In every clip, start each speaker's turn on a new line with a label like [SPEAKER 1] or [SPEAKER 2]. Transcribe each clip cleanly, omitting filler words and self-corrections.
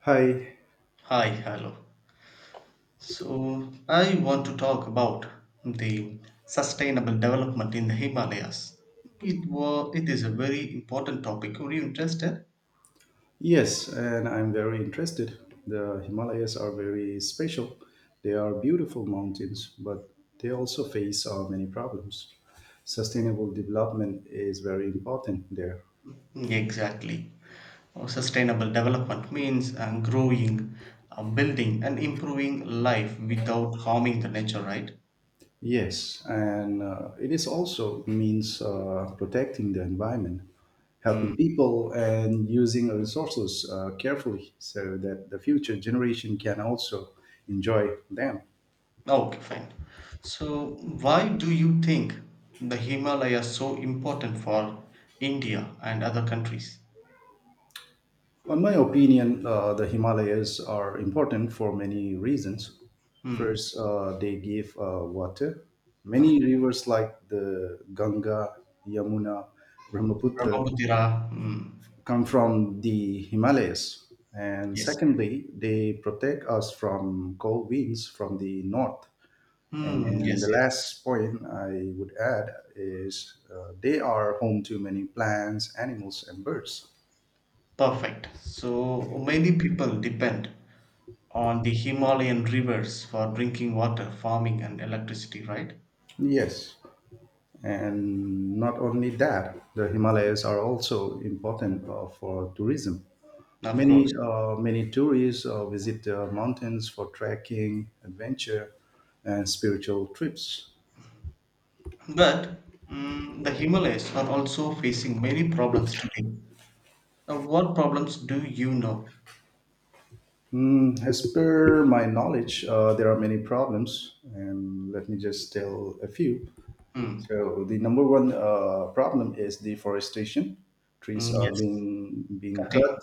[SPEAKER 1] Hi.
[SPEAKER 2] Hi, hello. So, I want to talk about the sustainable development in the Himalayas. It is a very important topic. Were you interested?
[SPEAKER 1] Yes, and I'm very interested. The Himalayas are very special. They are beautiful mountains, but they also face many problems. Sustainable development is very important there.
[SPEAKER 2] Exactly. Sustainable development means growing, building, and improving life without harming the nature, right?
[SPEAKER 1] Yes, and it is also means protecting the environment, helping
[SPEAKER 2] Mm.
[SPEAKER 1] people, and using resources carefully so that the future generation can also enjoy them.
[SPEAKER 2] Okay, fine. So, why do you think the Himalayas so important for India and other countries?
[SPEAKER 1] Well, in my opinion, the Himalayas are important for many reasons.
[SPEAKER 2] Hmm.
[SPEAKER 1] First, they give water. Many rivers like the Ganga, Yamuna, Brahmaputra
[SPEAKER 2] Brahmaputra. Mm.
[SPEAKER 1] come from the Himalayas. And
[SPEAKER 2] Yes, yes.
[SPEAKER 1] secondly, they protect us from cold winds from the north.
[SPEAKER 2] Mm,
[SPEAKER 1] And
[SPEAKER 2] yes,
[SPEAKER 1] the
[SPEAKER 2] yes.
[SPEAKER 1] last point I would add is they are home to many plants, animals, and birds.
[SPEAKER 2] Perfect. So many people depend on the Himalayan rivers for drinking water, farming, and electricity, right?
[SPEAKER 1] Yes. And not only that, the Himalayas are also important for tourism.
[SPEAKER 2] Of
[SPEAKER 1] Many
[SPEAKER 2] course.
[SPEAKER 1] uh, many tourists visit the mountains for trekking, adventure, and spiritual trips.
[SPEAKER 2] But mm, the Himalayas are also facing many problems today. What problems do you know?
[SPEAKER 1] Mm, as per my knowledge, there are many problems, and let me just tell a few.
[SPEAKER 2] Mm,
[SPEAKER 1] So the number one problem is deforestation. Trees
[SPEAKER 2] mm,
[SPEAKER 1] are
[SPEAKER 2] yes,
[SPEAKER 1] being
[SPEAKER 2] cutting.
[SPEAKER 1] cut,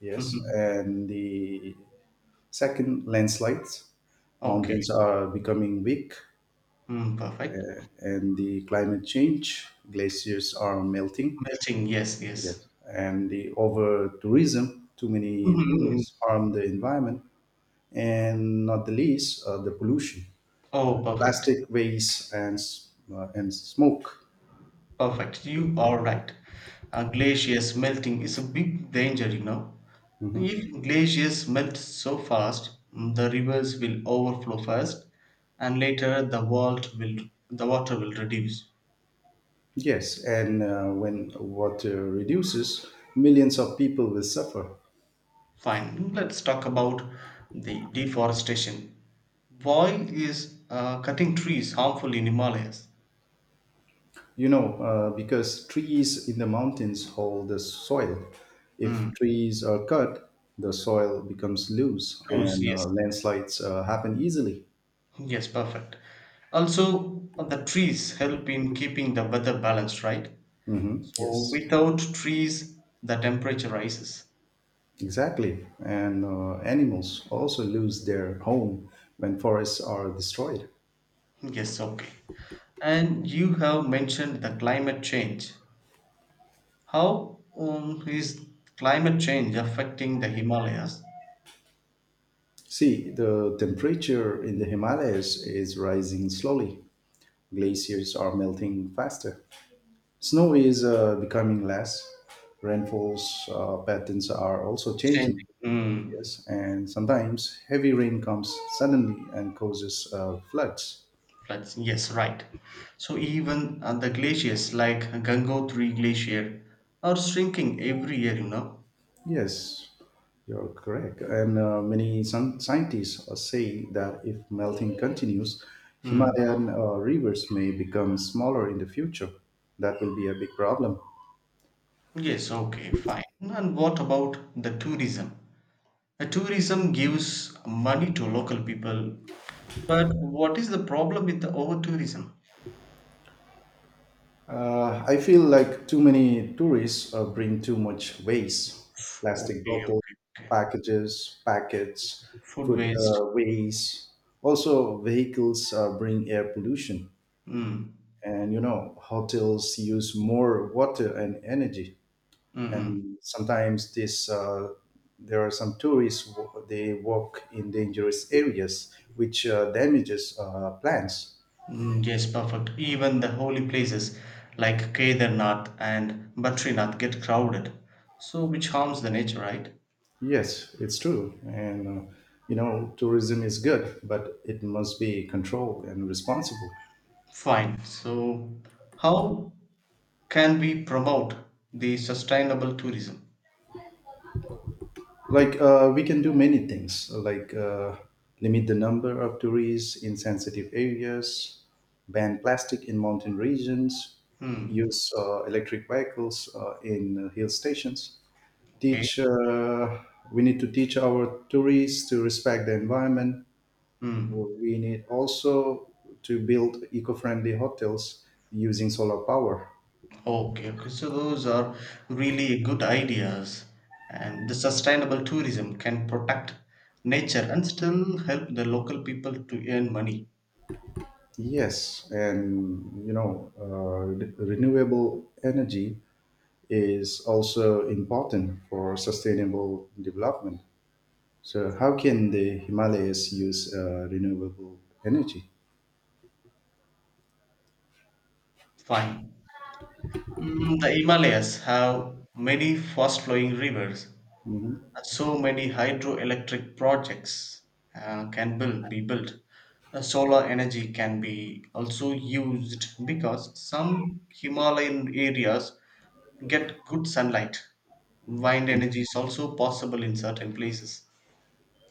[SPEAKER 1] yes,
[SPEAKER 2] Mhm.
[SPEAKER 1] and the second, landslides.
[SPEAKER 2] Okay.
[SPEAKER 1] Mountains are becoming weak,
[SPEAKER 2] Mm, perfect.
[SPEAKER 1] and the climate change, glaciers are melting.
[SPEAKER 2] Melting. Yes, yes.
[SPEAKER 1] Yes. And the over tourism, too many
[SPEAKER 2] Mhm, mhm.
[SPEAKER 1] tourists harm the environment, and not the least, the pollution,
[SPEAKER 2] Oh, perfect.
[SPEAKER 1] plastic waste, and and smoke.
[SPEAKER 2] Perfect. You are right. Glaciers melting is a big danger, you know.
[SPEAKER 1] Mhm.
[SPEAKER 2] If glaciers melt so fast, mm, the rivers will overflow first, and later the water will reduce.
[SPEAKER 1] Yes, and when water reduces, millions of people will suffer.
[SPEAKER 2] Fine. Let's talk about the deforestation. Why is cutting trees harmful in Himalayas?
[SPEAKER 1] You know, because trees in the mountains hold the soil.
[SPEAKER 2] Hmm.
[SPEAKER 1] If trees are cut, the soil becomes loose
[SPEAKER 2] Rose,
[SPEAKER 1] and
[SPEAKER 2] yes.
[SPEAKER 1] landslides happen easily.
[SPEAKER 2] Yes, perfect. Also, the trees help in keeping the weather balanced, right? So
[SPEAKER 1] Yes,
[SPEAKER 2] without trees, the temperature rises.
[SPEAKER 1] exactly. And animals also lose their home when forests are destroyed.
[SPEAKER 2] Yes, okay. And you have mentioned the climate change. How is climate change affecting the Himalayas?
[SPEAKER 1] See, the temperature in the Himalayas is rising slowly. Glaciers are melting faster. Snow is becoming less. Rainfalls patterns are also changing.
[SPEAKER 2] Changing. Mm,
[SPEAKER 1] Yes, and sometimes heavy rain comes suddenly and causes floods.
[SPEAKER 2] floods. Yes, right. So even the glaciers like Gangotri Glacier are shrinking every year, you know.
[SPEAKER 1] Yes, you're correct. And many some scientists say that if melting continues,
[SPEAKER 2] Hmm.
[SPEAKER 1] Himalayan rivers may become smaller in the future. That will be a big problem.
[SPEAKER 2] Yes, okay, fine. And what about the tourism? The tourism gives money to local people. But what is the problem with the over tourism?
[SPEAKER 1] I feel like too many tourists bring too much waste, plastic
[SPEAKER 2] Okay,
[SPEAKER 1] bottles,
[SPEAKER 2] okay, okay.
[SPEAKER 1] packages, packets,
[SPEAKER 2] Food
[SPEAKER 1] food
[SPEAKER 2] waste.
[SPEAKER 1] waste. Also, vehicles bring air pollution.
[SPEAKER 2] Mm.
[SPEAKER 1] And you know, hotels use more water and energy.
[SPEAKER 2] Mm-mm.
[SPEAKER 1] And sometimes there are some tourists, they walk in dangerous areas, which damages plants.
[SPEAKER 2] Mm, yes, perfect. Even the holy places like Kedarnath and Badrinath get crowded, so which harms the nature, right?
[SPEAKER 1] Yes, it's true. You know, tourism is good, but it must be controlled and responsible.
[SPEAKER 2] Fine. So, how can we promote the sustainable tourism?
[SPEAKER 1] Like, we can do many things, like limit the number of tourists in sensitive areas, ban plastic in mountain regions,
[SPEAKER 2] Hmm.
[SPEAKER 1] use electric vehicles in hill stations,
[SPEAKER 2] Okay.
[SPEAKER 1] teach, uh, we need to teach our tourists to respect the environment.
[SPEAKER 2] Hmm.
[SPEAKER 1] We need also to build eco-friendly hotels using solar power.
[SPEAKER 2] Okay, okay. So those are really good ideas. And the sustainable tourism can protect nature and still help the local people to earn money.
[SPEAKER 1] Yes, and you know, renewable energy is also important for sustainable development. So, how can the Himalayas use renewable energy?
[SPEAKER 2] Fine. Mm, the Himalayas have many fast flowing rivers
[SPEAKER 1] Mhm.
[SPEAKER 2] so many hydroelectric projects can build, be built. Solar energy can be also used because some Himalayan areas get good sunlight. Wind energy is also possible in certain places.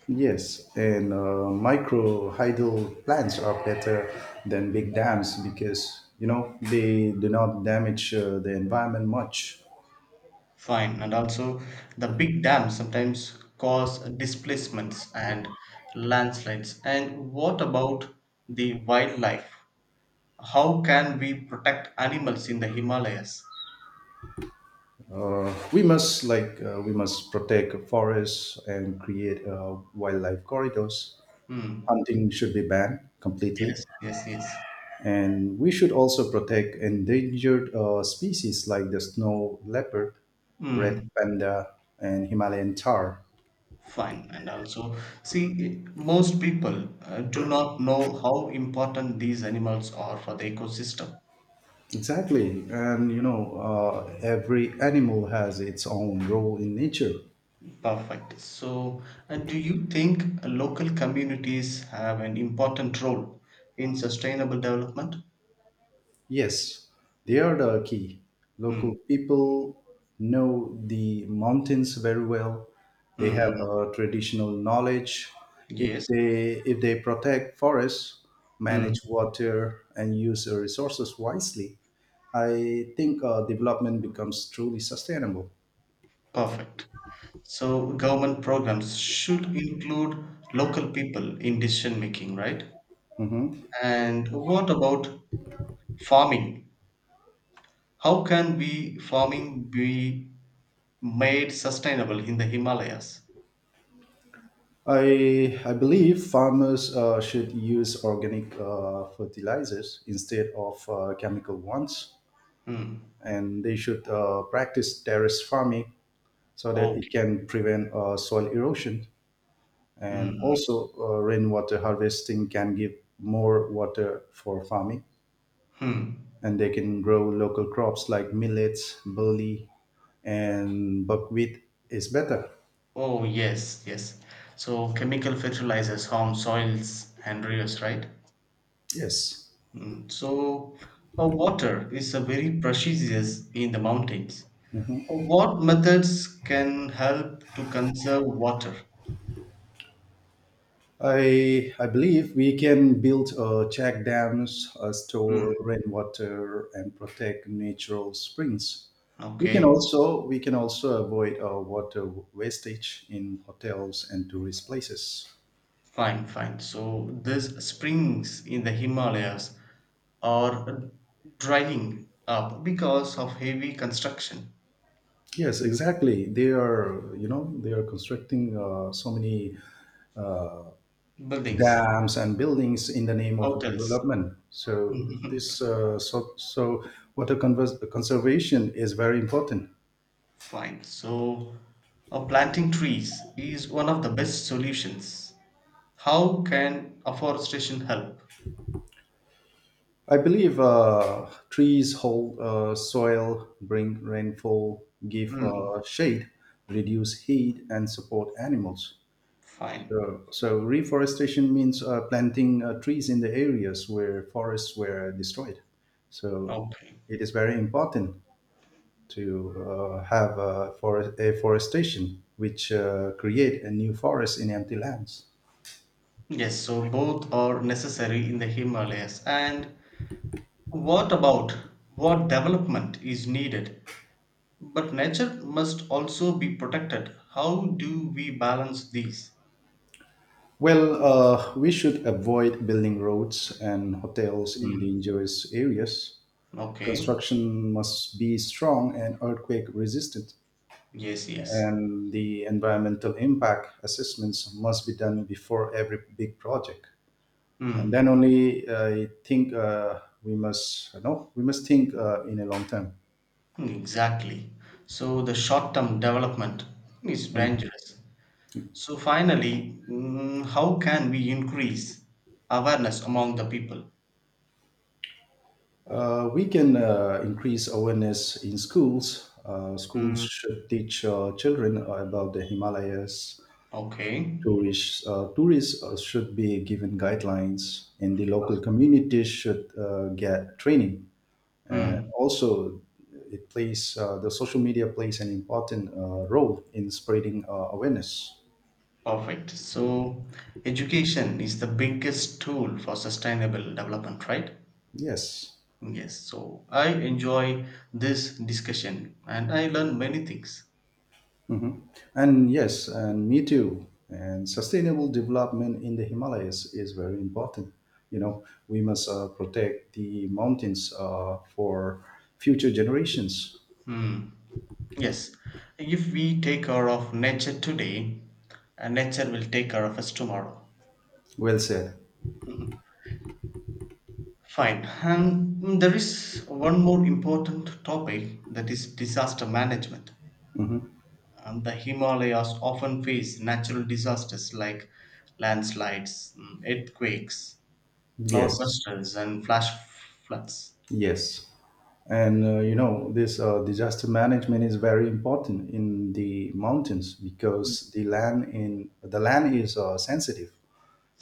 [SPEAKER 1] Yes, and micro hydel plants are better than big dams because you know they do not damage the environment much.
[SPEAKER 2] Fine, and also the big dams sometimes cause displacements and landslides. And what about the wildlife? How can we protect animals in the Himalayas?
[SPEAKER 1] We must protect forests and create wildlife corridors.
[SPEAKER 2] Hmm.
[SPEAKER 1] Hunting should be banned
[SPEAKER 2] Yes,
[SPEAKER 1] completely,
[SPEAKER 2] yes, yes.
[SPEAKER 1] and we should also protect endangered species like the snow leopard, red
[SPEAKER 2] Hmm.
[SPEAKER 1] panda, and Himalayan tar.
[SPEAKER 2] Fine. And also, see, most people do not know how important these animals are for the ecosystem.
[SPEAKER 1] Exactly, and you know every animal has its own role in nature.
[SPEAKER 2] Perfect. So, do you think local communities have an important role in sustainable development?
[SPEAKER 1] Yes, they are the key.
[SPEAKER 2] Mm,
[SPEAKER 1] Local people know the mountains very well. They
[SPEAKER 2] mm,
[SPEAKER 1] have
[SPEAKER 2] mm.
[SPEAKER 1] a traditional knowledge. If
[SPEAKER 2] Yes.
[SPEAKER 1] they if they protect forests,
[SPEAKER 2] Mm,
[SPEAKER 1] manage water, and use their resources wisely, I think development becomes truly sustainable.
[SPEAKER 2] perfect. So, government programs should include local people in decision making, right?
[SPEAKER 1] Mhm.
[SPEAKER 2] And what about farming? How can we farming be made sustainable in the Himalayas?
[SPEAKER 1] I believe farmers should use organic fertilizers instead of chemical ones,
[SPEAKER 2] Hmm.
[SPEAKER 1] and they should practice terrace farming so that it
[SPEAKER 2] Okay.
[SPEAKER 1] can prevent soil erosion. And
[SPEAKER 2] Hmm.
[SPEAKER 1] also, rainwater harvesting can give more water for farming,
[SPEAKER 2] Hmm.
[SPEAKER 1] and they can grow local crops like millets, barley, and buckwheat is better.
[SPEAKER 2] Oh yes, yes. So chemical fertilizers harm soils and rivers, right?
[SPEAKER 1] Yes.
[SPEAKER 2] Mm, so, water is a very precious in the mountains.
[SPEAKER 1] Mhm.
[SPEAKER 2] What methods can help to conserve water?
[SPEAKER 1] I believe we can build check dams, store
[SPEAKER 2] Mm,
[SPEAKER 1] rainwater, and protect natural springs. We can
[SPEAKER 2] okay,
[SPEAKER 1] also we can also avoid water wastage in hotels and tourist places.
[SPEAKER 2] fine, fine. So, these springs in the Himalayas Or drying up because of heavy construction,
[SPEAKER 1] Yes, exactly. They are you know they are constructing so many uh,
[SPEAKER 2] buildings,
[SPEAKER 1] dams and buildings in the name of
[SPEAKER 2] hotels.
[SPEAKER 1] development. So this so so conservation is very important.
[SPEAKER 2] Fine. So, planting trees is one of the best solutions. How can afforestation help?
[SPEAKER 1] I believe trees hold soil, bring rainfall, give
[SPEAKER 2] Hmm.
[SPEAKER 1] shade, reduce heat, and support animals.
[SPEAKER 2] Fine.
[SPEAKER 1] So reforestation means planting trees in the areas where forests were destroyed. So
[SPEAKER 2] Okay.
[SPEAKER 1] it is very important to have forest afforestation, which create a new forest in empty lands.
[SPEAKER 2] Yes, so both are necessary in the Himalayas. And what about what development is needed? But nature must also be protected. How do we balance these?
[SPEAKER 1] Well, we should avoid building roads and hotels in
[SPEAKER 2] Mm,
[SPEAKER 1] dangerous areas,
[SPEAKER 2] okay.
[SPEAKER 1] construction must be strong and earthquake resistant,
[SPEAKER 2] Yes, yes.
[SPEAKER 1] and the environmental impact assessments must be done before every big project, and then
[SPEAKER 2] Mm,
[SPEAKER 1] only I think we must you know we must think in a long term.
[SPEAKER 2] exactly. So the short-term development is
[SPEAKER 1] Mm.
[SPEAKER 2] dangerous. So finally, mm, how can we increase awareness among the people?
[SPEAKER 1] We can increase awareness in schools. Schools
[SPEAKER 2] Mm,
[SPEAKER 1] should teach children about the Himalayas,
[SPEAKER 2] okay.
[SPEAKER 1] tourists should be given guidelines, and the local communities should get training, and
[SPEAKER 2] Mm,
[SPEAKER 1] also it plays the social media plays an important role in spreading awareness.
[SPEAKER 2] perfect. So education is the biggest tool for sustainable development, right?
[SPEAKER 1] Yes.
[SPEAKER 2] Yes. So I enjoy this discussion and I learn many things.
[SPEAKER 1] hmm and yes, and me too, and sustainable development in the Himalayas is very important. You know, we must protect the mountains for future generations.
[SPEAKER 2] Mm. Yes, if we take care of nature today, nature will take care of us tomorrow.
[SPEAKER 1] Well said.
[SPEAKER 2] Mhm. Fine. And mm, there is one more important topic that is disaster management.
[SPEAKER 1] hmm
[SPEAKER 2] The Himalayas often face natural disasters like landslides, mm, earthquakes,
[SPEAKER 1] yes.
[SPEAKER 2] cloudbusters, and flash floods.
[SPEAKER 1] Yes, and you know this disaster management is very important in the mountains because the land is sensitive.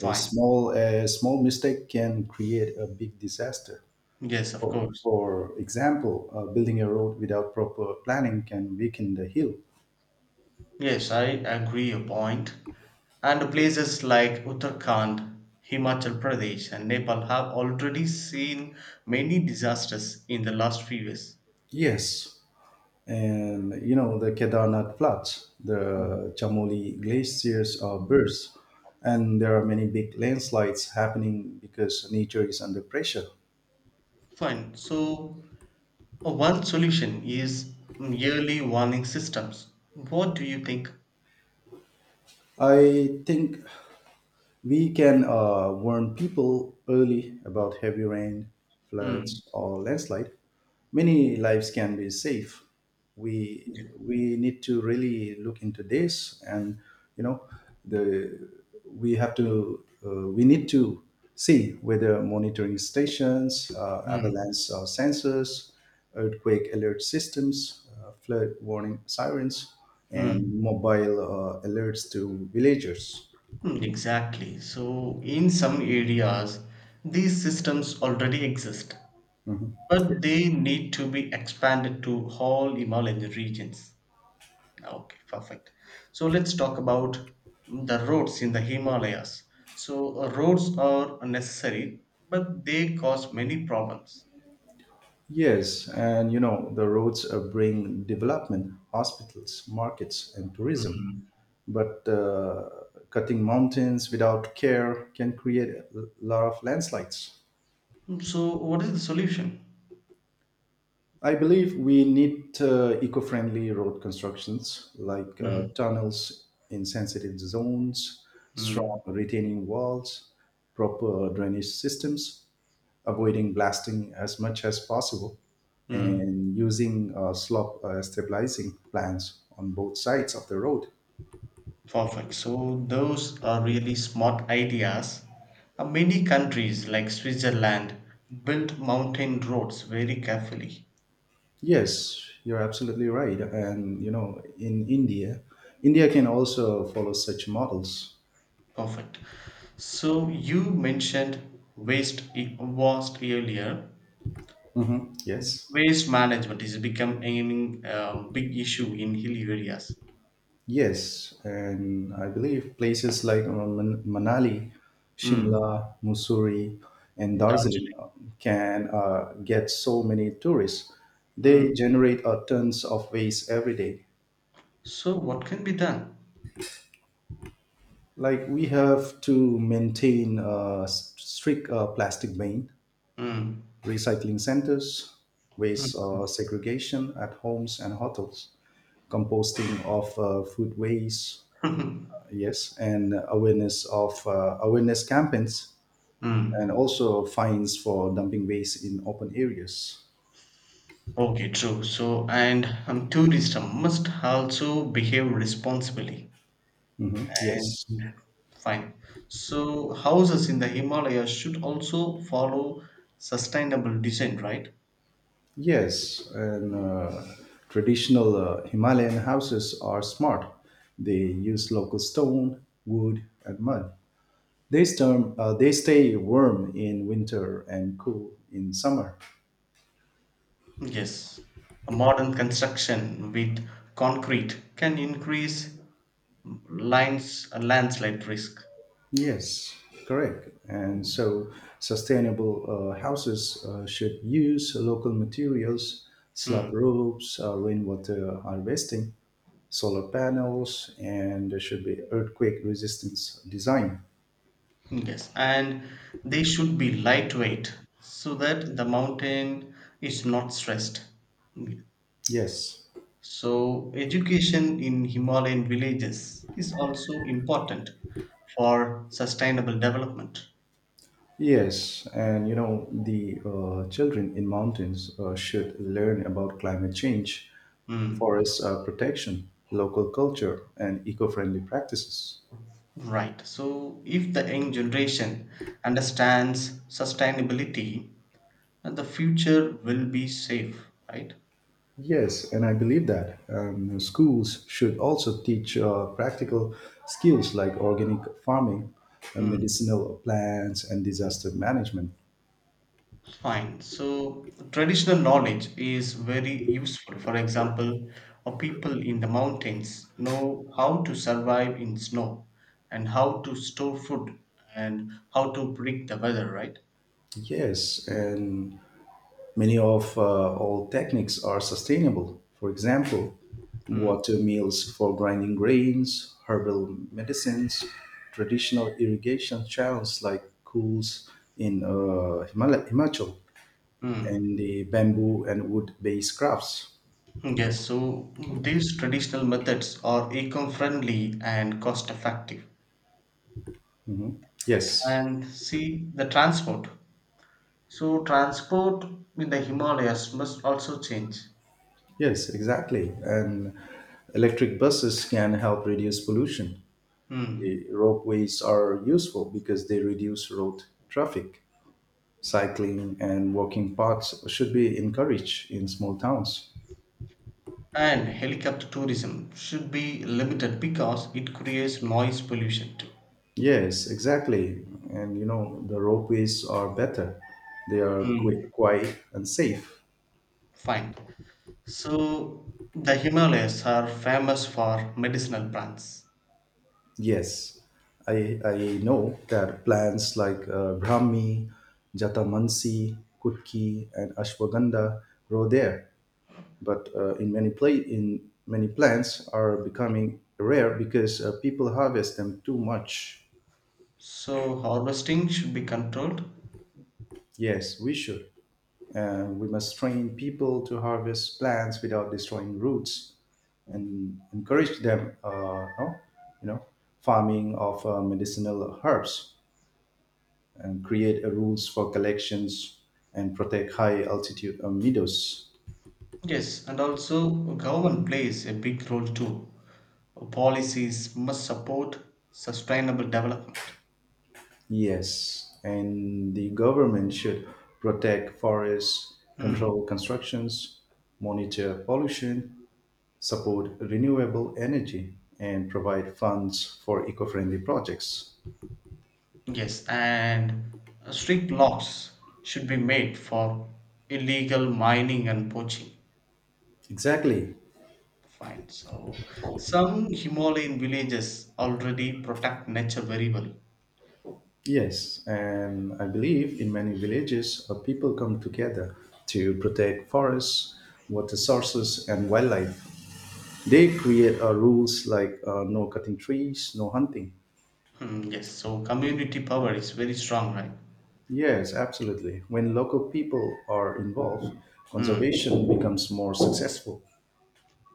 [SPEAKER 1] A small a small mistake can create a big disaster.
[SPEAKER 2] Yes, of
[SPEAKER 1] For,
[SPEAKER 2] course.
[SPEAKER 1] for example, building a road without proper planning can weaken the hill.
[SPEAKER 2] Yes, I agree your point. And places like Uttarakhand, Himachal Pradesh, and Nepal have already seen many disasters in the last few years.
[SPEAKER 1] Yes, and you know the Kedarnath floods,
[SPEAKER 2] Mm.
[SPEAKER 1] the Chamoli glaciers are burst, and there are many big landslides happening because nature is under pressure.
[SPEAKER 2] Fine. So, one solution is mm, yearly warning systems. What do you think?
[SPEAKER 1] I think we can warn people early about heavy rain,
[SPEAKER 2] Hmm.
[SPEAKER 1] floods, or landslide. Many lives can be saved. We
[SPEAKER 2] Yeah.
[SPEAKER 1] we need to really look into this, and you know, the we have to we need to see whether monitoring stations,
[SPEAKER 2] Hmm.
[SPEAKER 1] avalanche sensors, earthquake alert systems, flood warning sirens,
[SPEAKER 2] Hmm.
[SPEAKER 1] and mobile alerts to villagers.
[SPEAKER 2] Hmm, exactly. So, in some areas, these systems already exist.
[SPEAKER 1] Mhm.
[SPEAKER 2] But
[SPEAKER 1] Yes.
[SPEAKER 2] they need to be expanded to all Himalayan regions. Ah, okay, perfect. So let's talk about the roads in the Himalayas. So roads are necessary, but they cause many problems.
[SPEAKER 1] Yes, and you know, the roads bring development, hospitals, markets, and tourism.
[SPEAKER 2] Mm,
[SPEAKER 1] But cutting mountains without care can create a lot of landslides.
[SPEAKER 2] so what is the solution?
[SPEAKER 1] I believe we need eco-friendly road constructions like
[SPEAKER 2] Mm,
[SPEAKER 1] tunnels in sensitive zones,
[SPEAKER 2] mm,
[SPEAKER 1] strong retaining walls, proper drainage systems, avoiding blasting as much as possible,
[SPEAKER 2] mm,
[SPEAKER 1] and using slope stabilizing plans on both sides of the road.
[SPEAKER 2] perfect. So those are really smart ideas. Many countries like Switzerland built mountain roads very carefully.
[SPEAKER 1] Yes, you're absolutely right. And you know, India can also follow such models.
[SPEAKER 2] Perfect. So you mentioned waste earlier.
[SPEAKER 1] Mhm. Yes.
[SPEAKER 2] Waste management is becoming a big issue in hilly areas.
[SPEAKER 1] Yes, and I believe places like Manali,
[SPEAKER 2] Mm.
[SPEAKER 1] Shimla, Mussoorie, and Darjeeling
[SPEAKER 2] Darjeeling.
[SPEAKER 1] can get so many tourists. They
[SPEAKER 2] Mm.
[SPEAKER 1] generate tons of waste every day.
[SPEAKER 2] So what can be done?
[SPEAKER 1] Like, we have to maintain strict plastic ban,
[SPEAKER 2] Mm.
[SPEAKER 1] recycling centers, waste segregation at homes and hotels, composting of food waste. Yes, and awareness campaigns, and
[SPEAKER 2] mm.
[SPEAKER 1] also fines for dumping waste in open areas.
[SPEAKER 2] Okay, true. So and tourists must also behave responsibly.
[SPEAKER 1] Mhm.
[SPEAKER 2] And
[SPEAKER 1] Yes,
[SPEAKER 2] fine. So houses in the Himalayas should also follow sustainable design, right?
[SPEAKER 1] yes, and traditional Himalayan houses are smart. They use local stone, wood, and mud. They stay warm in winter and cool in summer.
[SPEAKER 2] Yes, a modern construction with concrete can increase lines landslide risk.
[SPEAKER 1] Yes, correct. And so sustainable houses should use local materials, slab
[SPEAKER 2] Mm,
[SPEAKER 1] roofs, rainwater harvesting, solar panels, and there should be earthquake resistance design.
[SPEAKER 2] yes, and they should be lightweight so that the mountain is not stressed. Mm.
[SPEAKER 1] Yes,
[SPEAKER 2] So, education in Himalayan villages is also important for sustainable development.
[SPEAKER 1] yes, and you know the children in mountains should learn about climate change,
[SPEAKER 2] Mm,
[SPEAKER 1] forest protection, local culture, and eco-friendly practices.
[SPEAKER 2] right. So, if the young generation understands sustainability, and the future will be safe, right?
[SPEAKER 1] Yes, and I believe that schools should also teach practical skills like organic farming,
[SPEAKER 2] Mm.
[SPEAKER 1] medicinal plants, and disaster management.
[SPEAKER 2] Fine. So traditional knowledge is very useful. For example, a people in the mountains know how to survive in snow and how to store food and how to predict the weather, right?
[SPEAKER 1] Yes, and many of old techniques are sustainable. For example,
[SPEAKER 2] Mm.
[SPEAKER 1] water mills for grinding grains, herbal medicines, traditional irrigation channels like cools in Himachal, and
[SPEAKER 2] Hmm.
[SPEAKER 1] the bamboo and wood-based crafts.
[SPEAKER 2] Yes, so these traditional methods are eco-friendly and cost-effective.
[SPEAKER 1] Mhm. Yes,
[SPEAKER 2] And see the transport. So transport in the Himalayas must also change.
[SPEAKER 1] yes, exactly. And electric buses can help reduce pollution.
[SPEAKER 2] Hmm.
[SPEAKER 1] The ropeways are useful because they reduce road traffic. Cycling and walking paths should be encouraged in small towns.
[SPEAKER 2] And helicopter tourism should be limited because it creates noise pollution too.
[SPEAKER 1] Yes, exactly. And you know, the ropeways are better. They are
[SPEAKER 2] Hmm.
[SPEAKER 1] quick, quiet, and safe.
[SPEAKER 2] Fine. So the Himalayas are famous for medicinal plants.
[SPEAKER 1] Yes, I know that plants like Brahmi, Jatamansi, Kutki, and Ashwagandha grow there. But in many plants are becoming rare because people harvest them too much.
[SPEAKER 2] So harvesting should be controlled.
[SPEAKER 1] Yes, we should. And we must train people to harvest plants without destroying roots and encourage them, no, you know, farming of medicinal herbs, and create a rules for collections, and protect high altitude meadows.
[SPEAKER 2] Yes, and also government plays a big role too. Policies must support sustainable development.
[SPEAKER 1] Yes, and the government should protect forests,
[SPEAKER 2] Hmm.
[SPEAKER 1] control constructions, monitor pollution, support renewable energy, and provide funds for eco friendly projects.
[SPEAKER 2] Yes, and strict laws should be made for illegal mining and poaching.
[SPEAKER 1] Exactly.
[SPEAKER 2] Fine. So some Himalayan villages already protect nature very well.
[SPEAKER 1] Yes, and I believe in many villages, people come together to protect forests, water sources, and wildlife. They create rules like no cutting trees, no hunting.
[SPEAKER 2] Hmm, yes. So community power is very strong, right?
[SPEAKER 1] Yes, absolutely. When local people are involved,
[SPEAKER 2] Hmm.
[SPEAKER 1] conservation becomes more successful.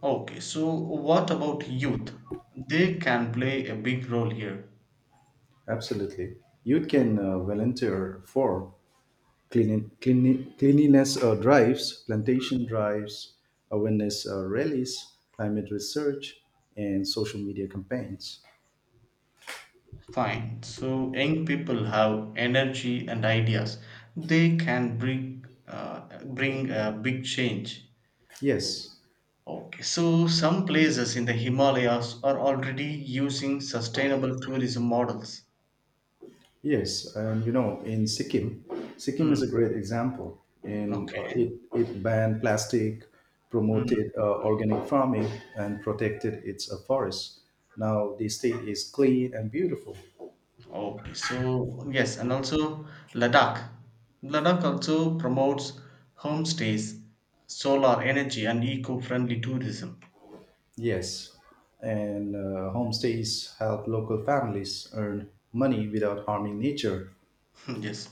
[SPEAKER 2] Okay. So what about youth? They can play a big role here.
[SPEAKER 1] Absolutely. You can volunteer for cleanliness drives, plantation drives, awareness rallies, climate research, and social media campaigns.
[SPEAKER 2] Fine. So young people have energy and ideas. They can bring a big change.
[SPEAKER 1] Yes,
[SPEAKER 2] Okay, so some places in the Himalayas are already using sustainable tourism models.
[SPEAKER 1] yes. You know, in Sikkim
[SPEAKER 2] Hmm.
[SPEAKER 1] is a great example. In uh,
[SPEAKER 2] Okay.
[SPEAKER 1] it, it banned plastic,
[SPEAKER 2] Hmm.
[SPEAKER 1] promoted organic farming, and protected its forests. Now the state is clean and beautiful.
[SPEAKER 2] Okay. So yes, and also Ladakh. Ladakh also promotes homestays, solar energy, and eco-friendly tourism.
[SPEAKER 1] Yes, and homestays help local families earn money without harming nature.
[SPEAKER 2] Yes.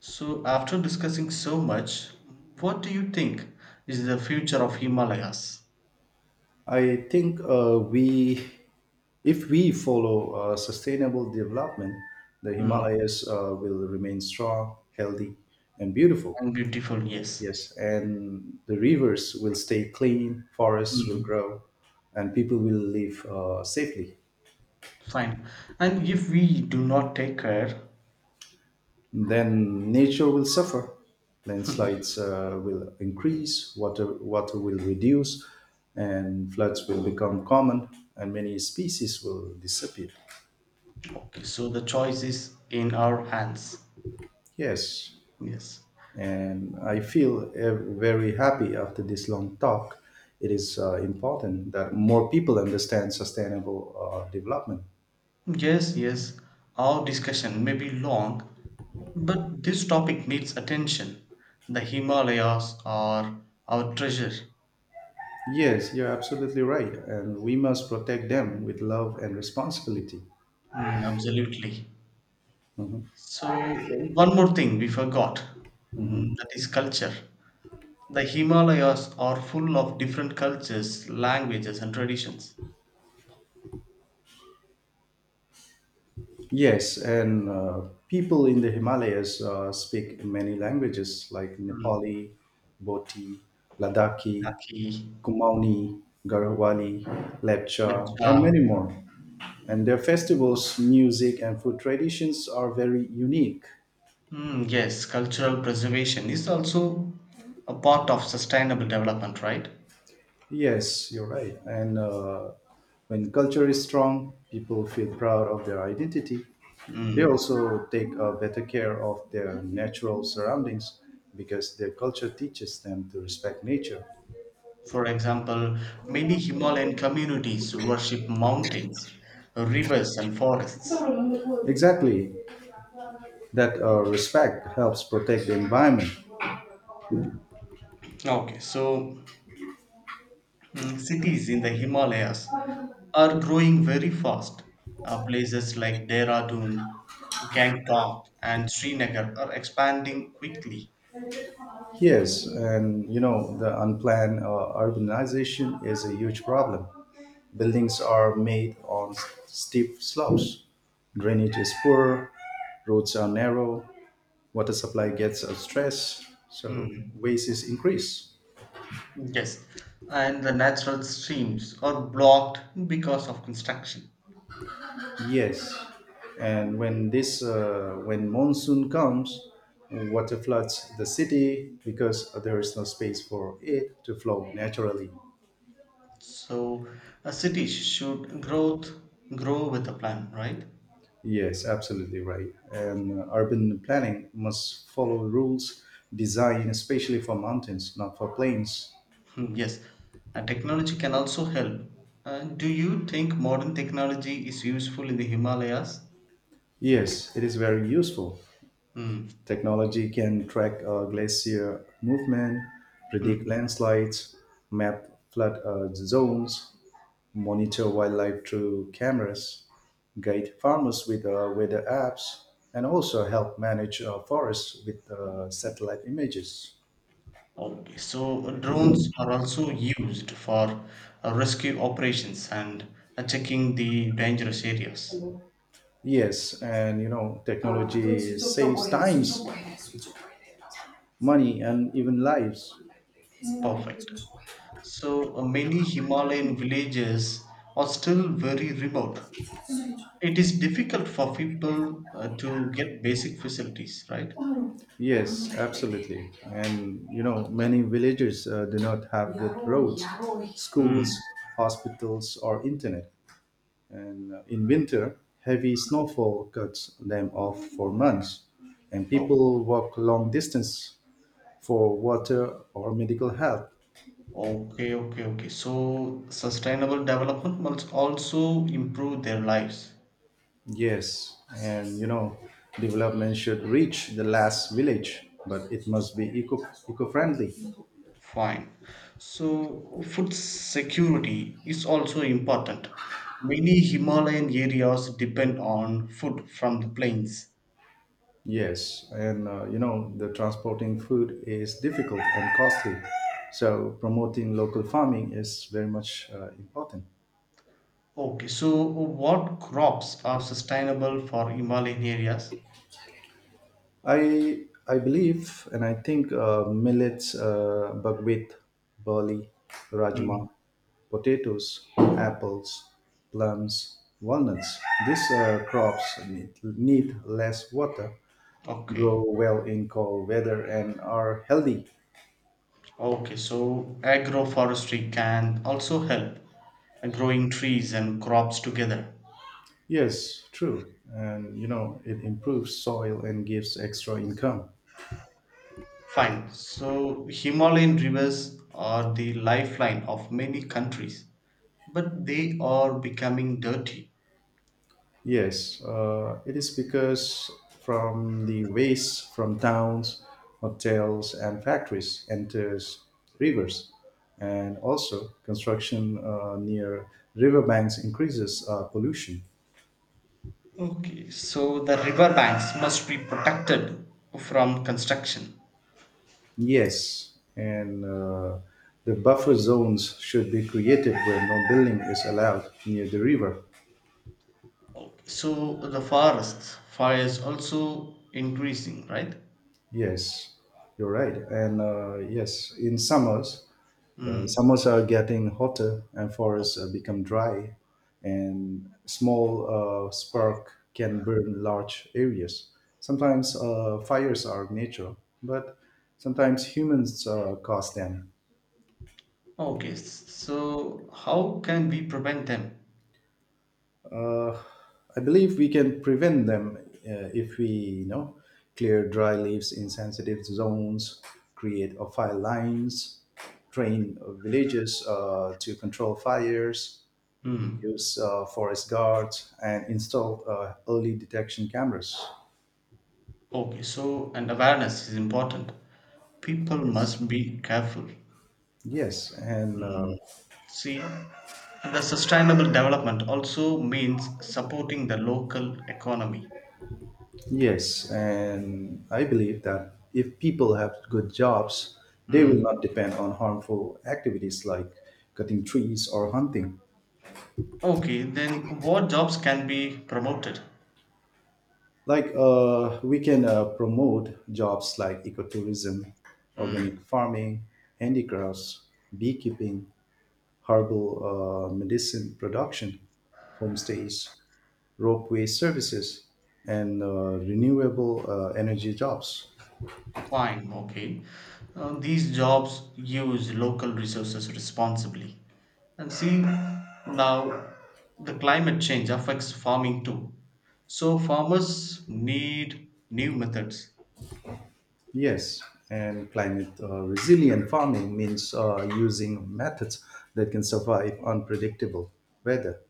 [SPEAKER 2] So after discussing so much, what do you think is the future of Himalayas?
[SPEAKER 1] I think uh, we, if we follow sustainable development, the
[SPEAKER 2] Hmm.
[SPEAKER 1] Himalayas will remain strong, healthy, and beautiful.
[SPEAKER 2] And beautiful, yes.
[SPEAKER 1] Yes, and the rivers will stay clean, forests will
[SPEAKER 2] Hmm.
[SPEAKER 1] grow, and people will live safely.
[SPEAKER 2] Fine. And if we do not take care,
[SPEAKER 1] Then nature will suffer. Landslides will increase, water will reduce, and floods will become common, and many species will disappear.
[SPEAKER 2] okay, so the choice is in our hands.
[SPEAKER 1] Yes,
[SPEAKER 2] Yes.
[SPEAKER 1] and I feel very happy after this long talk. It is important that more people understand sustainable development.
[SPEAKER 2] Yes, yes. Our discussion may be long, but this topic needs attention. The Himalayas are our treasure.
[SPEAKER 1] Yes, you're absolutely right, and we must protect them with love and responsibility.
[SPEAKER 2] Mm, absolutely.
[SPEAKER 1] Mhm.
[SPEAKER 2] So, one more thing we forgot mm, that is culture. The Himalayas are full of different cultures, languages, and traditions.
[SPEAKER 1] Yes, and people in the Himalayas speak many languages like
[SPEAKER 2] Mm,
[SPEAKER 1] Nepali, Bhoti, Ladakhi,
[SPEAKER 2] Rakhi,
[SPEAKER 1] Kumauni, Garhwali, Lepcha, and
[SPEAKER 2] Lakcha,
[SPEAKER 1] many more. And their festivals, music, and food traditions are very unique.
[SPEAKER 2] mm, yes, cultural preservation is also a part of sustainable development, right?
[SPEAKER 1] Yes, you're right. And when culture is strong, people feel proud of their identity. They
[SPEAKER 2] Mm.
[SPEAKER 1] also take better care of their natural surroundings because their culture teaches them to respect nature.
[SPEAKER 2] For example, many Himalayan communities worship mountains, rivers, and forests.
[SPEAKER 1] Exactly. That respect helps protect the environment.
[SPEAKER 2] Okay, so mm, cities in the Himalayas are growing very fast. Places like Dehradun, Gangtok, and Srinagar are expanding quickly.
[SPEAKER 1] Yes, and you know, the unplanned urbanization is a huge problem. Buildings are made on steep slopes, drainage is poor, roads are narrow, water supply gets stressed, so
[SPEAKER 2] Mm.
[SPEAKER 1] waste is increased.
[SPEAKER 2] Yes, and the natural streams are blocked because of construction.
[SPEAKER 1] Yes, and when monsoon comes, water floods the city because there is no space for it to flow naturally.
[SPEAKER 2] So a city should grow with a plan, right?
[SPEAKER 1] Yes, absolutely right. And urban planning must follow rules designed especially for mountains, not for plains.
[SPEAKER 2] Hmm, yes, and technology can also help. Do you think modern technology is useful in the Himalayas?
[SPEAKER 1] Yes, it is very useful.
[SPEAKER 2] Hmm.
[SPEAKER 1] Technology can track glacier movement,
[SPEAKER 2] Hmm.
[SPEAKER 1] predict landslides, map flood zones, monitor wildlife through cameras, guide farmers with weather apps, and also help manage forests with satellite images.
[SPEAKER 2] Okay, so drones are also used for rescue operations and checking the dangerous areas.
[SPEAKER 1] Yes, and you know, technology saves times, money, and even lives.
[SPEAKER 2] Perfect. So many Himalayan villages are still very remote. It is difficult for people to get basic facilities, right?
[SPEAKER 1] Yes, absolutely. And you know, many villages do not have good roads, schools,
[SPEAKER 2] Hmm.
[SPEAKER 1] hospitals, or internet. And in winter, heavy snowfall cuts them off for months, and
[SPEAKER 2] Oh,
[SPEAKER 1] people walk long distance for water or medical help.
[SPEAKER 2] okay, okay, okay. So sustainable development must also improve their lives.
[SPEAKER 1] Yes, and you know, development should reach the last village, but it must be eco friendly.
[SPEAKER 2] Fine. So food security is also important. Many Himalayan areas depend on food from the plains.
[SPEAKER 1] Yes, and you know, the transporting food is difficult and costly, so promoting local farming is very much important.
[SPEAKER 2] Okay, so what crops are sustainable for Himalayan areas?
[SPEAKER 1] I believe and I think millets, buckwheat, barley,
[SPEAKER 2] Hmm.
[SPEAKER 1] rajma, potatoes, apples, plums, walnuts. These crops need less water,
[SPEAKER 2] Okay,
[SPEAKER 1] grow well in cold weather, and are healthy.
[SPEAKER 2] okay, so agroforestry can also help growing trees and crops together.
[SPEAKER 1] Yes, true. And you know, it improves soil and gives extra income.
[SPEAKER 2] Fine. So Himalayan rivers are the lifeline of many countries, but they are becoming dirty.
[SPEAKER 1] Yes, it is because from the waste from towns, hotels, and factories enters rivers, and also construction near riverbanks increases pollution.
[SPEAKER 2] Okay, so the river banks must be protected from construction.
[SPEAKER 1] Yes, and the buffer zones should be created where no building is allowed near the river.
[SPEAKER 2] Okay. So the forests fires also increasing, right?
[SPEAKER 1] Yes, you're right. And yes,
[SPEAKER 2] Hmm.
[SPEAKER 1] summers are getting hotter and forests become dry, and small spark can burn large areas. Sometimes fires are natural, but sometimes humans cause them.
[SPEAKER 2] Okay. So how can we prevent them?
[SPEAKER 1] Uh, I believe we can prevent them if we, you know, clear dry leaves in sensitive zones, create a fire lines, train villages to control fires,
[SPEAKER 2] Hmm.
[SPEAKER 1] use forest guards and install early detection cameras.
[SPEAKER 2] Okay. So and awareness is important. People
[SPEAKER 1] Yes.
[SPEAKER 2] must be careful.
[SPEAKER 1] Yes, and
[SPEAKER 2] Hmm.
[SPEAKER 1] uh,
[SPEAKER 2] See, the sustainable development also means supporting the local economy.
[SPEAKER 1] yes, and I believe that if people have good jobs, they will
[SPEAKER 2] Hmm.
[SPEAKER 1] not depend on harmful activities like cutting trees or hunting.
[SPEAKER 2] Okay. Then what jobs can be promoted?
[SPEAKER 1] Like we can promote jobs like ecotourism, organic
[SPEAKER 2] Hmm.
[SPEAKER 1] farming, handicrafts, beekeeping, herbal medicine production, homestays, ropeway services, and renewable energy jobs.
[SPEAKER 2] Fine, okay. These jobs use local resources responsibly. And see, now the climate change affects farming too. So farmers need new methods.
[SPEAKER 1] Yes, and climate resilient farming means using methods that can survive unpredictable weather.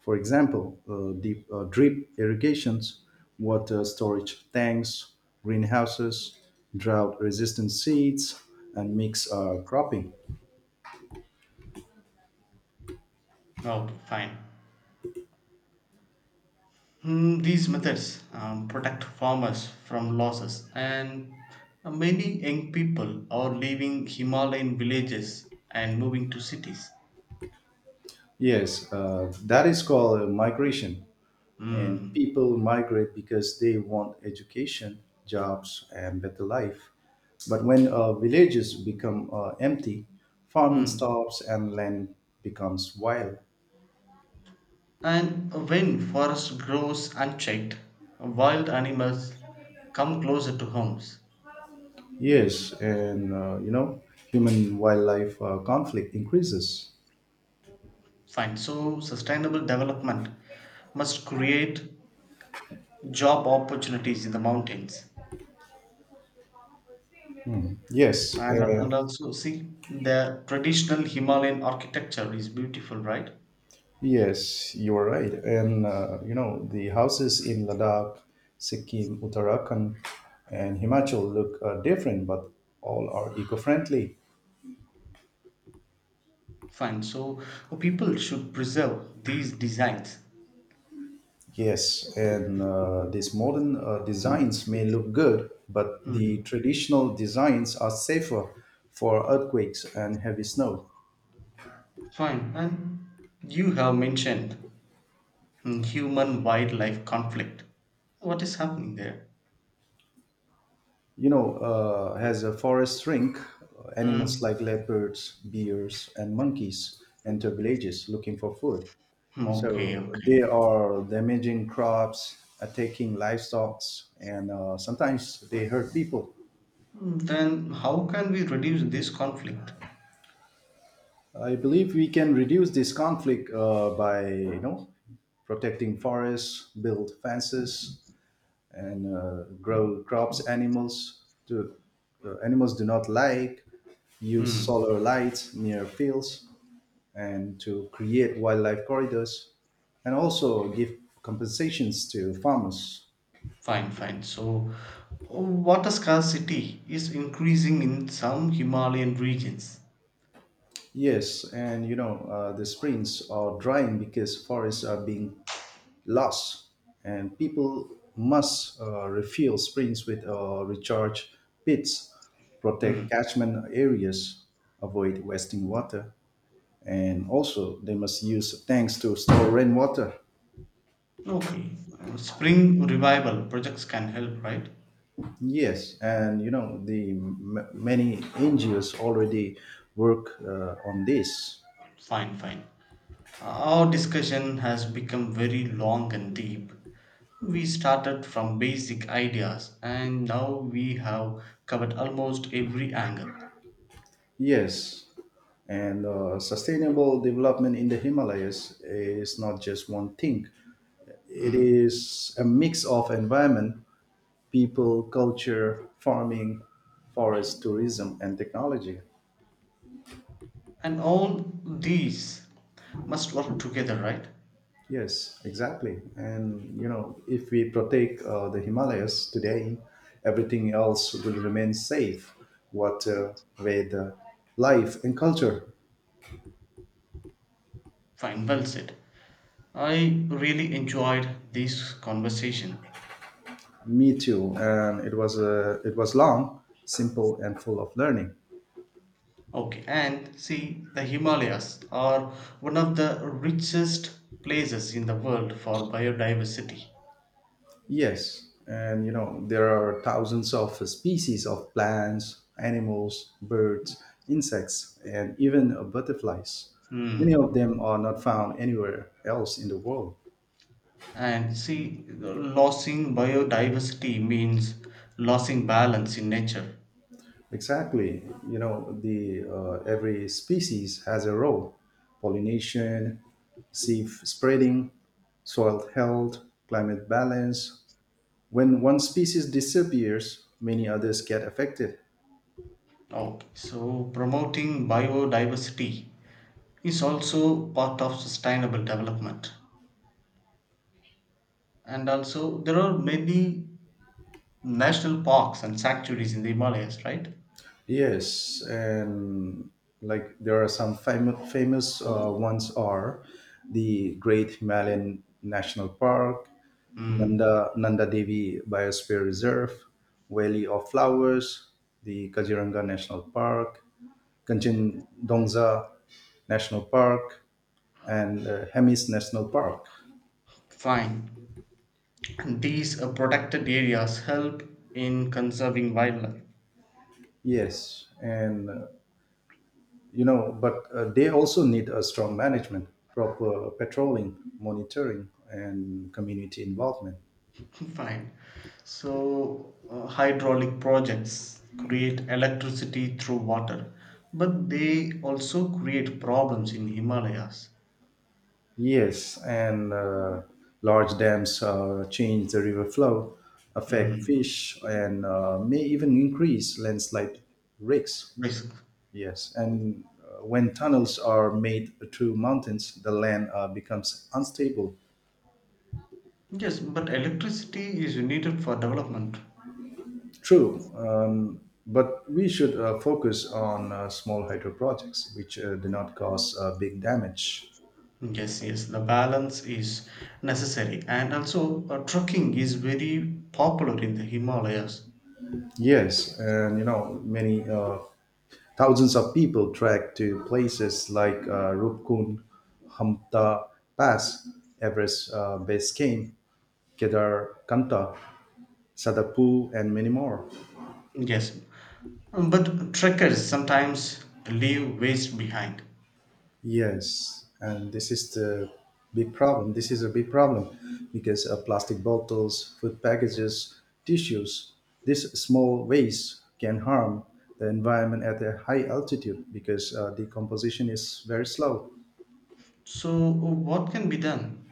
[SPEAKER 1] For example, deep drip irrigations, water storage tanks, greenhouses, drought resistant seeds, and mixed cropping.
[SPEAKER 2] Okay, fine. Hmm, these methods protect farmers from losses, and many young people are leaving Himalayan villages and moving to cities.
[SPEAKER 1] Yes, that is called migration. And
[SPEAKER 2] Hmm.
[SPEAKER 1] people migrate because they want education jobs and better life, but when villages become empty, farming
[SPEAKER 2] Hmm.
[SPEAKER 1] stops and land becomes wild.
[SPEAKER 2] And when forest grows unchecked, wild animals come closer to homes.
[SPEAKER 1] Yes, and you know, human wildlife conflict increases.
[SPEAKER 2] Fine. So sustainable development must create job opportunities in the mountains.
[SPEAKER 1] Yes,
[SPEAKER 2] And
[SPEAKER 1] uh,
[SPEAKER 2] also see the traditional Himalayan architecture is beautiful, right?
[SPEAKER 1] yes, you are right. And you know, the houses in Ladakh, Sikkim, Uttarakhand, and Himachal look different, but all are eco-friendly.
[SPEAKER 2] Fine. So people should preserve these designs.
[SPEAKER 1] Yes, and these modern designs may look good, but the
[SPEAKER 2] Hmm.
[SPEAKER 1] traditional designs are safer for earthquakes and heavy snow.
[SPEAKER 2] Fine. And you have mentioned hmm, human wildlife conflict. What is happening there?
[SPEAKER 1] You know, as a forest shrink, animals
[SPEAKER 2] Mm.
[SPEAKER 1] like leopards, bears, and monkeys enter villages looking for food.
[SPEAKER 2] Okay,
[SPEAKER 1] So
[SPEAKER 2] okay.
[SPEAKER 1] they are damaging crops, attacking livestock, and sometimes they hurt people.
[SPEAKER 2] Mm, then how can we reduce this conflict?
[SPEAKER 1] I believe we can reduce this conflict by, you know, protecting forests, build fences, and grow crops animals do not like, use
[SPEAKER 2] Mm.
[SPEAKER 1] solar lights near fields and to create wildlife corridors, and also give compensations to farmers.
[SPEAKER 2] Fine, fine. So, water scarcity is increasing in some Himalayan regions.
[SPEAKER 1] Yes, and you know, the springs are drying because forests are being loss, and people must refill springs with recharge pits,
[SPEAKER 2] Mm.
[SPEAKER 1] protect catchment areas, avoid wasting water, and also they must use tanks to store rainwater.
[SPEAKER 2] Okay. Spring revival projects can help, right?
[SPEAKER 1] Yes, and you know, the many NGOs already work on this.
[SPEAKER 2] Fine, fine. Our discussion has become very long and deep. We started from basic ideas and now we have covered almost every angle.
[SPEAKER 1] Yes, and sustainable development in the Himalayas is not just one thing. It
[SPEAKER 2] Mm.
[SPEAKER 1] is a mix of environment, people, culture, farming, forest, tourism, and technology.
[SPEAKER 2] And all these must work together, right?
[SPEAKER 1] Yes, exactly. And you know, if we protect the Himalayas today, everything else will remain safe. What with life and culture.
[SPEAKER 2] Fine, well said. I really enjoyed this conversation.
[SPEAKER 1] Me too. And it was long, simple, and full of learning.
[SPEAKER 2] Okay, and see, the Himalayas are one of the richest places in the world for biodiversity.
[SPEAKER 1] Yes, and you know, there are thousands of species of plants, animals, birds, insects, and even butterflies. Many of
[SPEAKER 2] Hmm.
[SPEAKER 1] them are not found anywhere else in the world.
[SPEAKER 2] And see, losing biodiversity means losing balance in nature.
[SPEAKER 1] Exactly. You know, the every species has a role: pollination, seed spreading, soil health, climate balance. When one species disappears, many others get affected.
[SPEAKER 2] Okay, so promoting biodiversity is also part of sustainable development. And also, there are many national parks and sanctuaries in the Himalayas, right?
[SPEAKER 1] Yes, and like there are some famous ones are the Great Himalayan National Park,
[SPEAKER 2] Mm,
[SPEAKER 1] Nanda Devi Biosphere Reserve, Valley of Flowers, the Kaziranga National Park, Kanchin Dongza National Park, and Hemis National Park.
[SPEAKER 2] fine. And these protected areas help in conserving wildlife.
[SPEAKER 1] Yes, and you know but they also need a strong management, proper patrolling, monitoring, and community involvement.
[SPEAKER 2] Fine. So, hydraulic projects create electricity through water, but they also create problems in Himalayas.
[SPEAKER 1] Yes, and large dams change the river flow, affect
[SPEAKER 2] Mm,
[SPEAKER 1] fish, and may even increase landslide risks.
[SPEAKER 2] risk.
[SPEAKER 1] Yes, and when tunnels are made through mountains, the land becomes unstable.
[SPEAKER 2] Yes, but electricity is needed for development.
[SPEAKER 1] True. But we should focus on small hydro projects, which do not cause big damage.
[SPEAKER 2] Yes, yes, the balance is necessary, and also trekking is very popular in the Himalayas.
[SPEAKER 1] Yes, and you know, many thousands of people trek to places like Rupkun, Hamta Pass, Everest Base Camp, Kedar Kanta, Sadapu, and many more.
[SPEAKER 2] Yes, um, but trekkers sometimes leave waste behind.
[SPEAKER 1] Yes, and this is the big problem. This is a big problem because plastic bottles, food packages, tissues, this small waste can harm the environment at a high altitude because decomposition is very slow.
[SPEAKER 2] So, what can be done?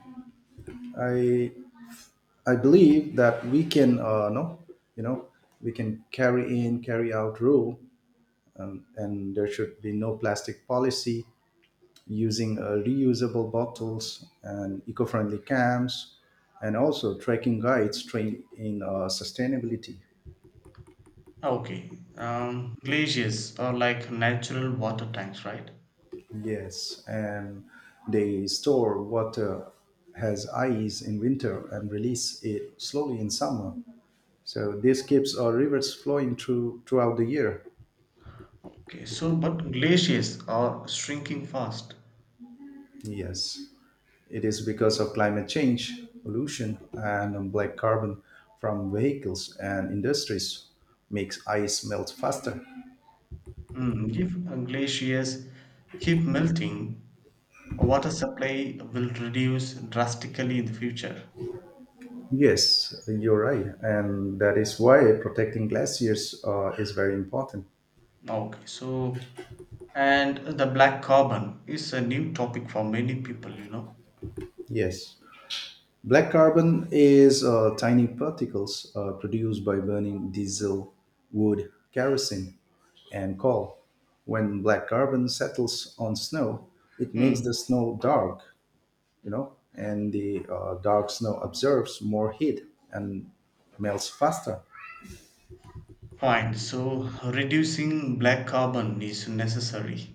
[SPEAKER 1] I I believe that we can no, You know, we can carry out rule, and there should be no plastic policy, using reusable bottles and eco-friendly camps, and also tracking guides trained in sustainability.
[SPEAKER 2] Ah, okay, glaciers are like natural water tanks, right?
[SPEAKER 1] Yes, and they store water, has ice in winter and release it slowly in summer, so this keeps our rivers flowing throughout the year.
[SPEAKER 2] Okay, so but glaciers are shrinking fast.
[SPEAKER 1] Yes, it is because of climate change pollution, and black carbon from vehicles and industries makes ice melt faster.
[SPEAKER 2] Mm, if glaciers keep melting, water supply will reduce drastically in the future.
[SPEAKER 1] Yes, you're right. And that is why protecting glaciers is very important.
[SPEAKER 2] Okay, so and the black carbon is a new topic for many people, you know.
[SPEAKER 1] Yes. Black carbon is tiny particles produced by burning diesel, wood, kerosene, and coal. When black carbon settles on snow, it makes
[SPEAKER 2] Hmm.
[SPEAKER 1] the snow dark, you know, and the dark snow absorbs more heat and melts faster.
[SPEAKER 2] Fine. So reducing black carbon is necessary.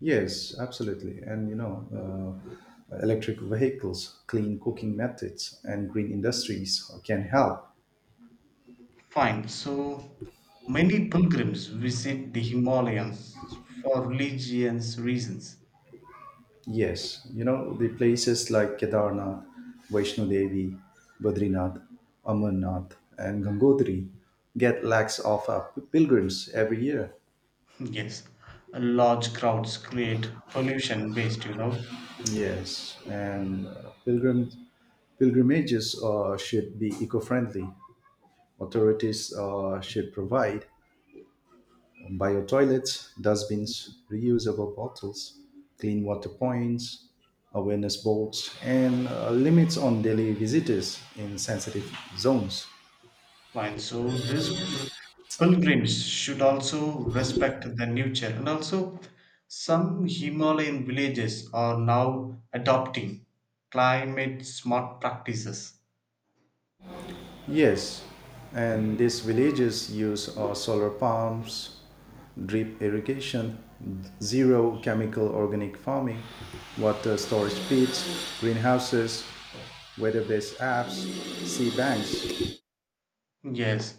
[SPEAKER 1] Yes, absolutely. And you know, electric vehicles, clean cooking methods, and green industries can help.
[SPEAKER 2] Fine. So many pilgrims visit the Himalayas for religious reasons.
[SPEAKER 1] Yes, you know, the places like Kedarnath, Vaishno Devi, Badrinath, Amarnath, and Gangotri get lakhs of pilgrims every year.
[SPEAKER 2] Yes. Large crowds create pollution waste, you know.
[SPEAKER 1] Yes, and pilgrims pilgrimages should be eco-friendly. Authorities should provide bio toilets, dustbins, reusable bottles, clean water points, awareness boards, and limits on daily visitors in sensitive zones.
[SPEAKER 2] Fine. So these pilgrims should also respect the nature, and also some Himalayan villages are now adopting climate smart practices.
[SPEAKER 1] Yes, and these villages use solar pumps, drip irrigation, zero chemical organic farming, water storage pits, greenhouses, weather based apps, sea banks.
[SPEAKER 2] Yes,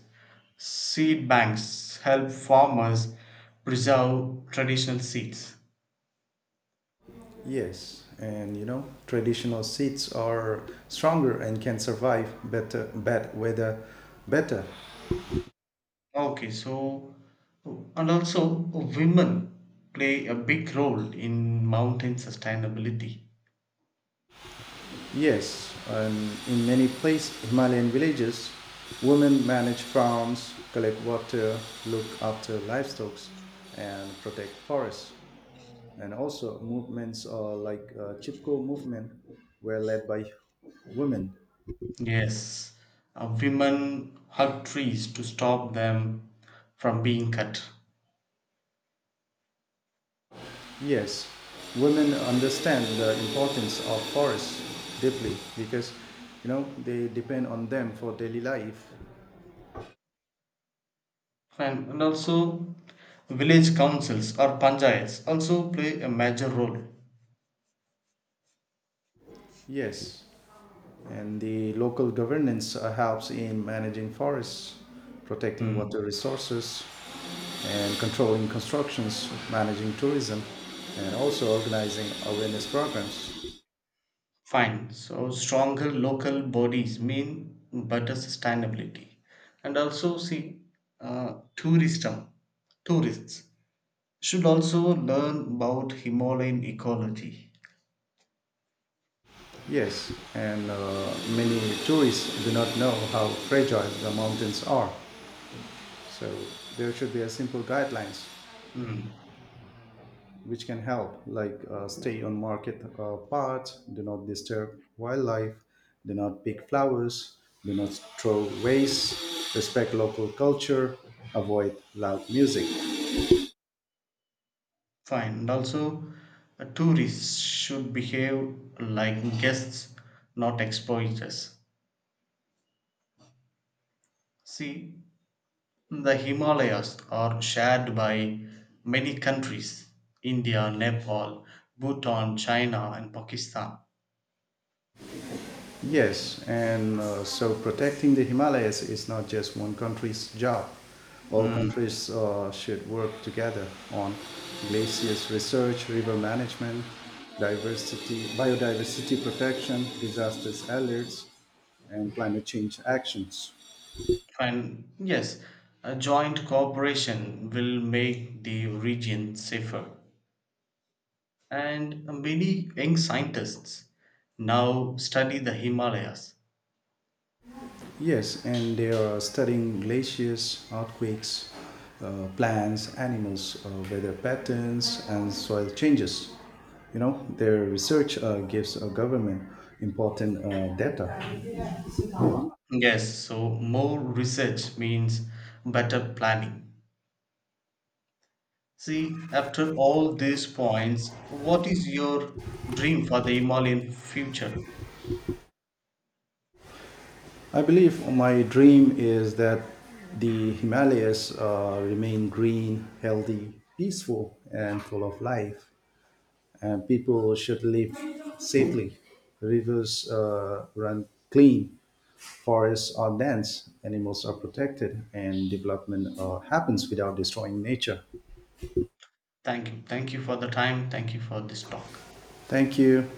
[SPEAKER 2] seed banks help farmers preserve traditional seeds.
[SPEAKER 1] Yes, and you know, traditional seeds are stronger and can survive better bad weather better.
[SPEAKER 2] Okay, so and also women play a big role in mountain sustainability.
[SPEAKER 1] Yes, and in many places, Himalayan villages, women manage farms, collect water, look after livestock, and protect forests. And also, movements are like Chipko movement were led by women.
[SPEAKER 2] Yes, women hug trees to stop them from being cut.
[SPEAKER 1] Yes, women understand the importance of forests deeply because, you know, they depend on them for daily life.
[SPEAKER 2] And also, village councils or panchayats also play a major role.
[SPEAKER 1] Yes, and the local governance helps in managing forests, protecting
[SPEAKER 2] Hmm,
[SPEAKER 1] water resources, and controlling constructions, managing tourism, and also organizing awareness programs.
[SPEAKER 2] fine. So, stronger local bodies mean better sustainability. And also, see, uh, tourism, tourists should also learn about Himalayan ecology.
[SPEAKER 1] Yes, and many tourists do not know how fragile the mountains are, so there should be a simple guidelines
[SPEAKER 2] Hmm.
[SPEAKER 1] which can help, like stay on market parts, do not disturb wildlife, do not pick flowers, do not throw waste, respect local culture, avoid loud music.
[SPEAKER 2] Fine and also tourists should behave like guests, not exploiters. See, the Himalayas are shared by many countries: India, Nepal, Bhutan, China, and Pakistan.
[SPEAKER 1] Yes, and so protecting the Himalayas is not just one country's job. All
[SPEAKER 2] Mm,
[SPEAKER 1] countries should work together on glaciers research, river management, biodiversity protection, disasters alerts, and climate change actions.
[SPEAKER 2] and yes, a joint cooperation will make the region safer. And many young scientists now study the Himalayas.
[SPEAKER 1] Yes, and they are studying glaciers, earthquakes, plants, animals, weather patterns, and soil changes. You know, their research gives a government important data.
[SPEAKER 2] Yes, so more research means better planning. See, after all these points, what is your dream for the Himalayan future?
[SPEAKER 1] I believe my dream is that the Himalayas remain green, healthy, peaceful, and full of life. And people should live safely. Rivers run clean, forests are dense, animals are protected, and development happens without destroying nature.
[SPEAKER 2] Thank you. Thank you for the time. Thank you for this talk.
[SPEAKER 1] Thank you.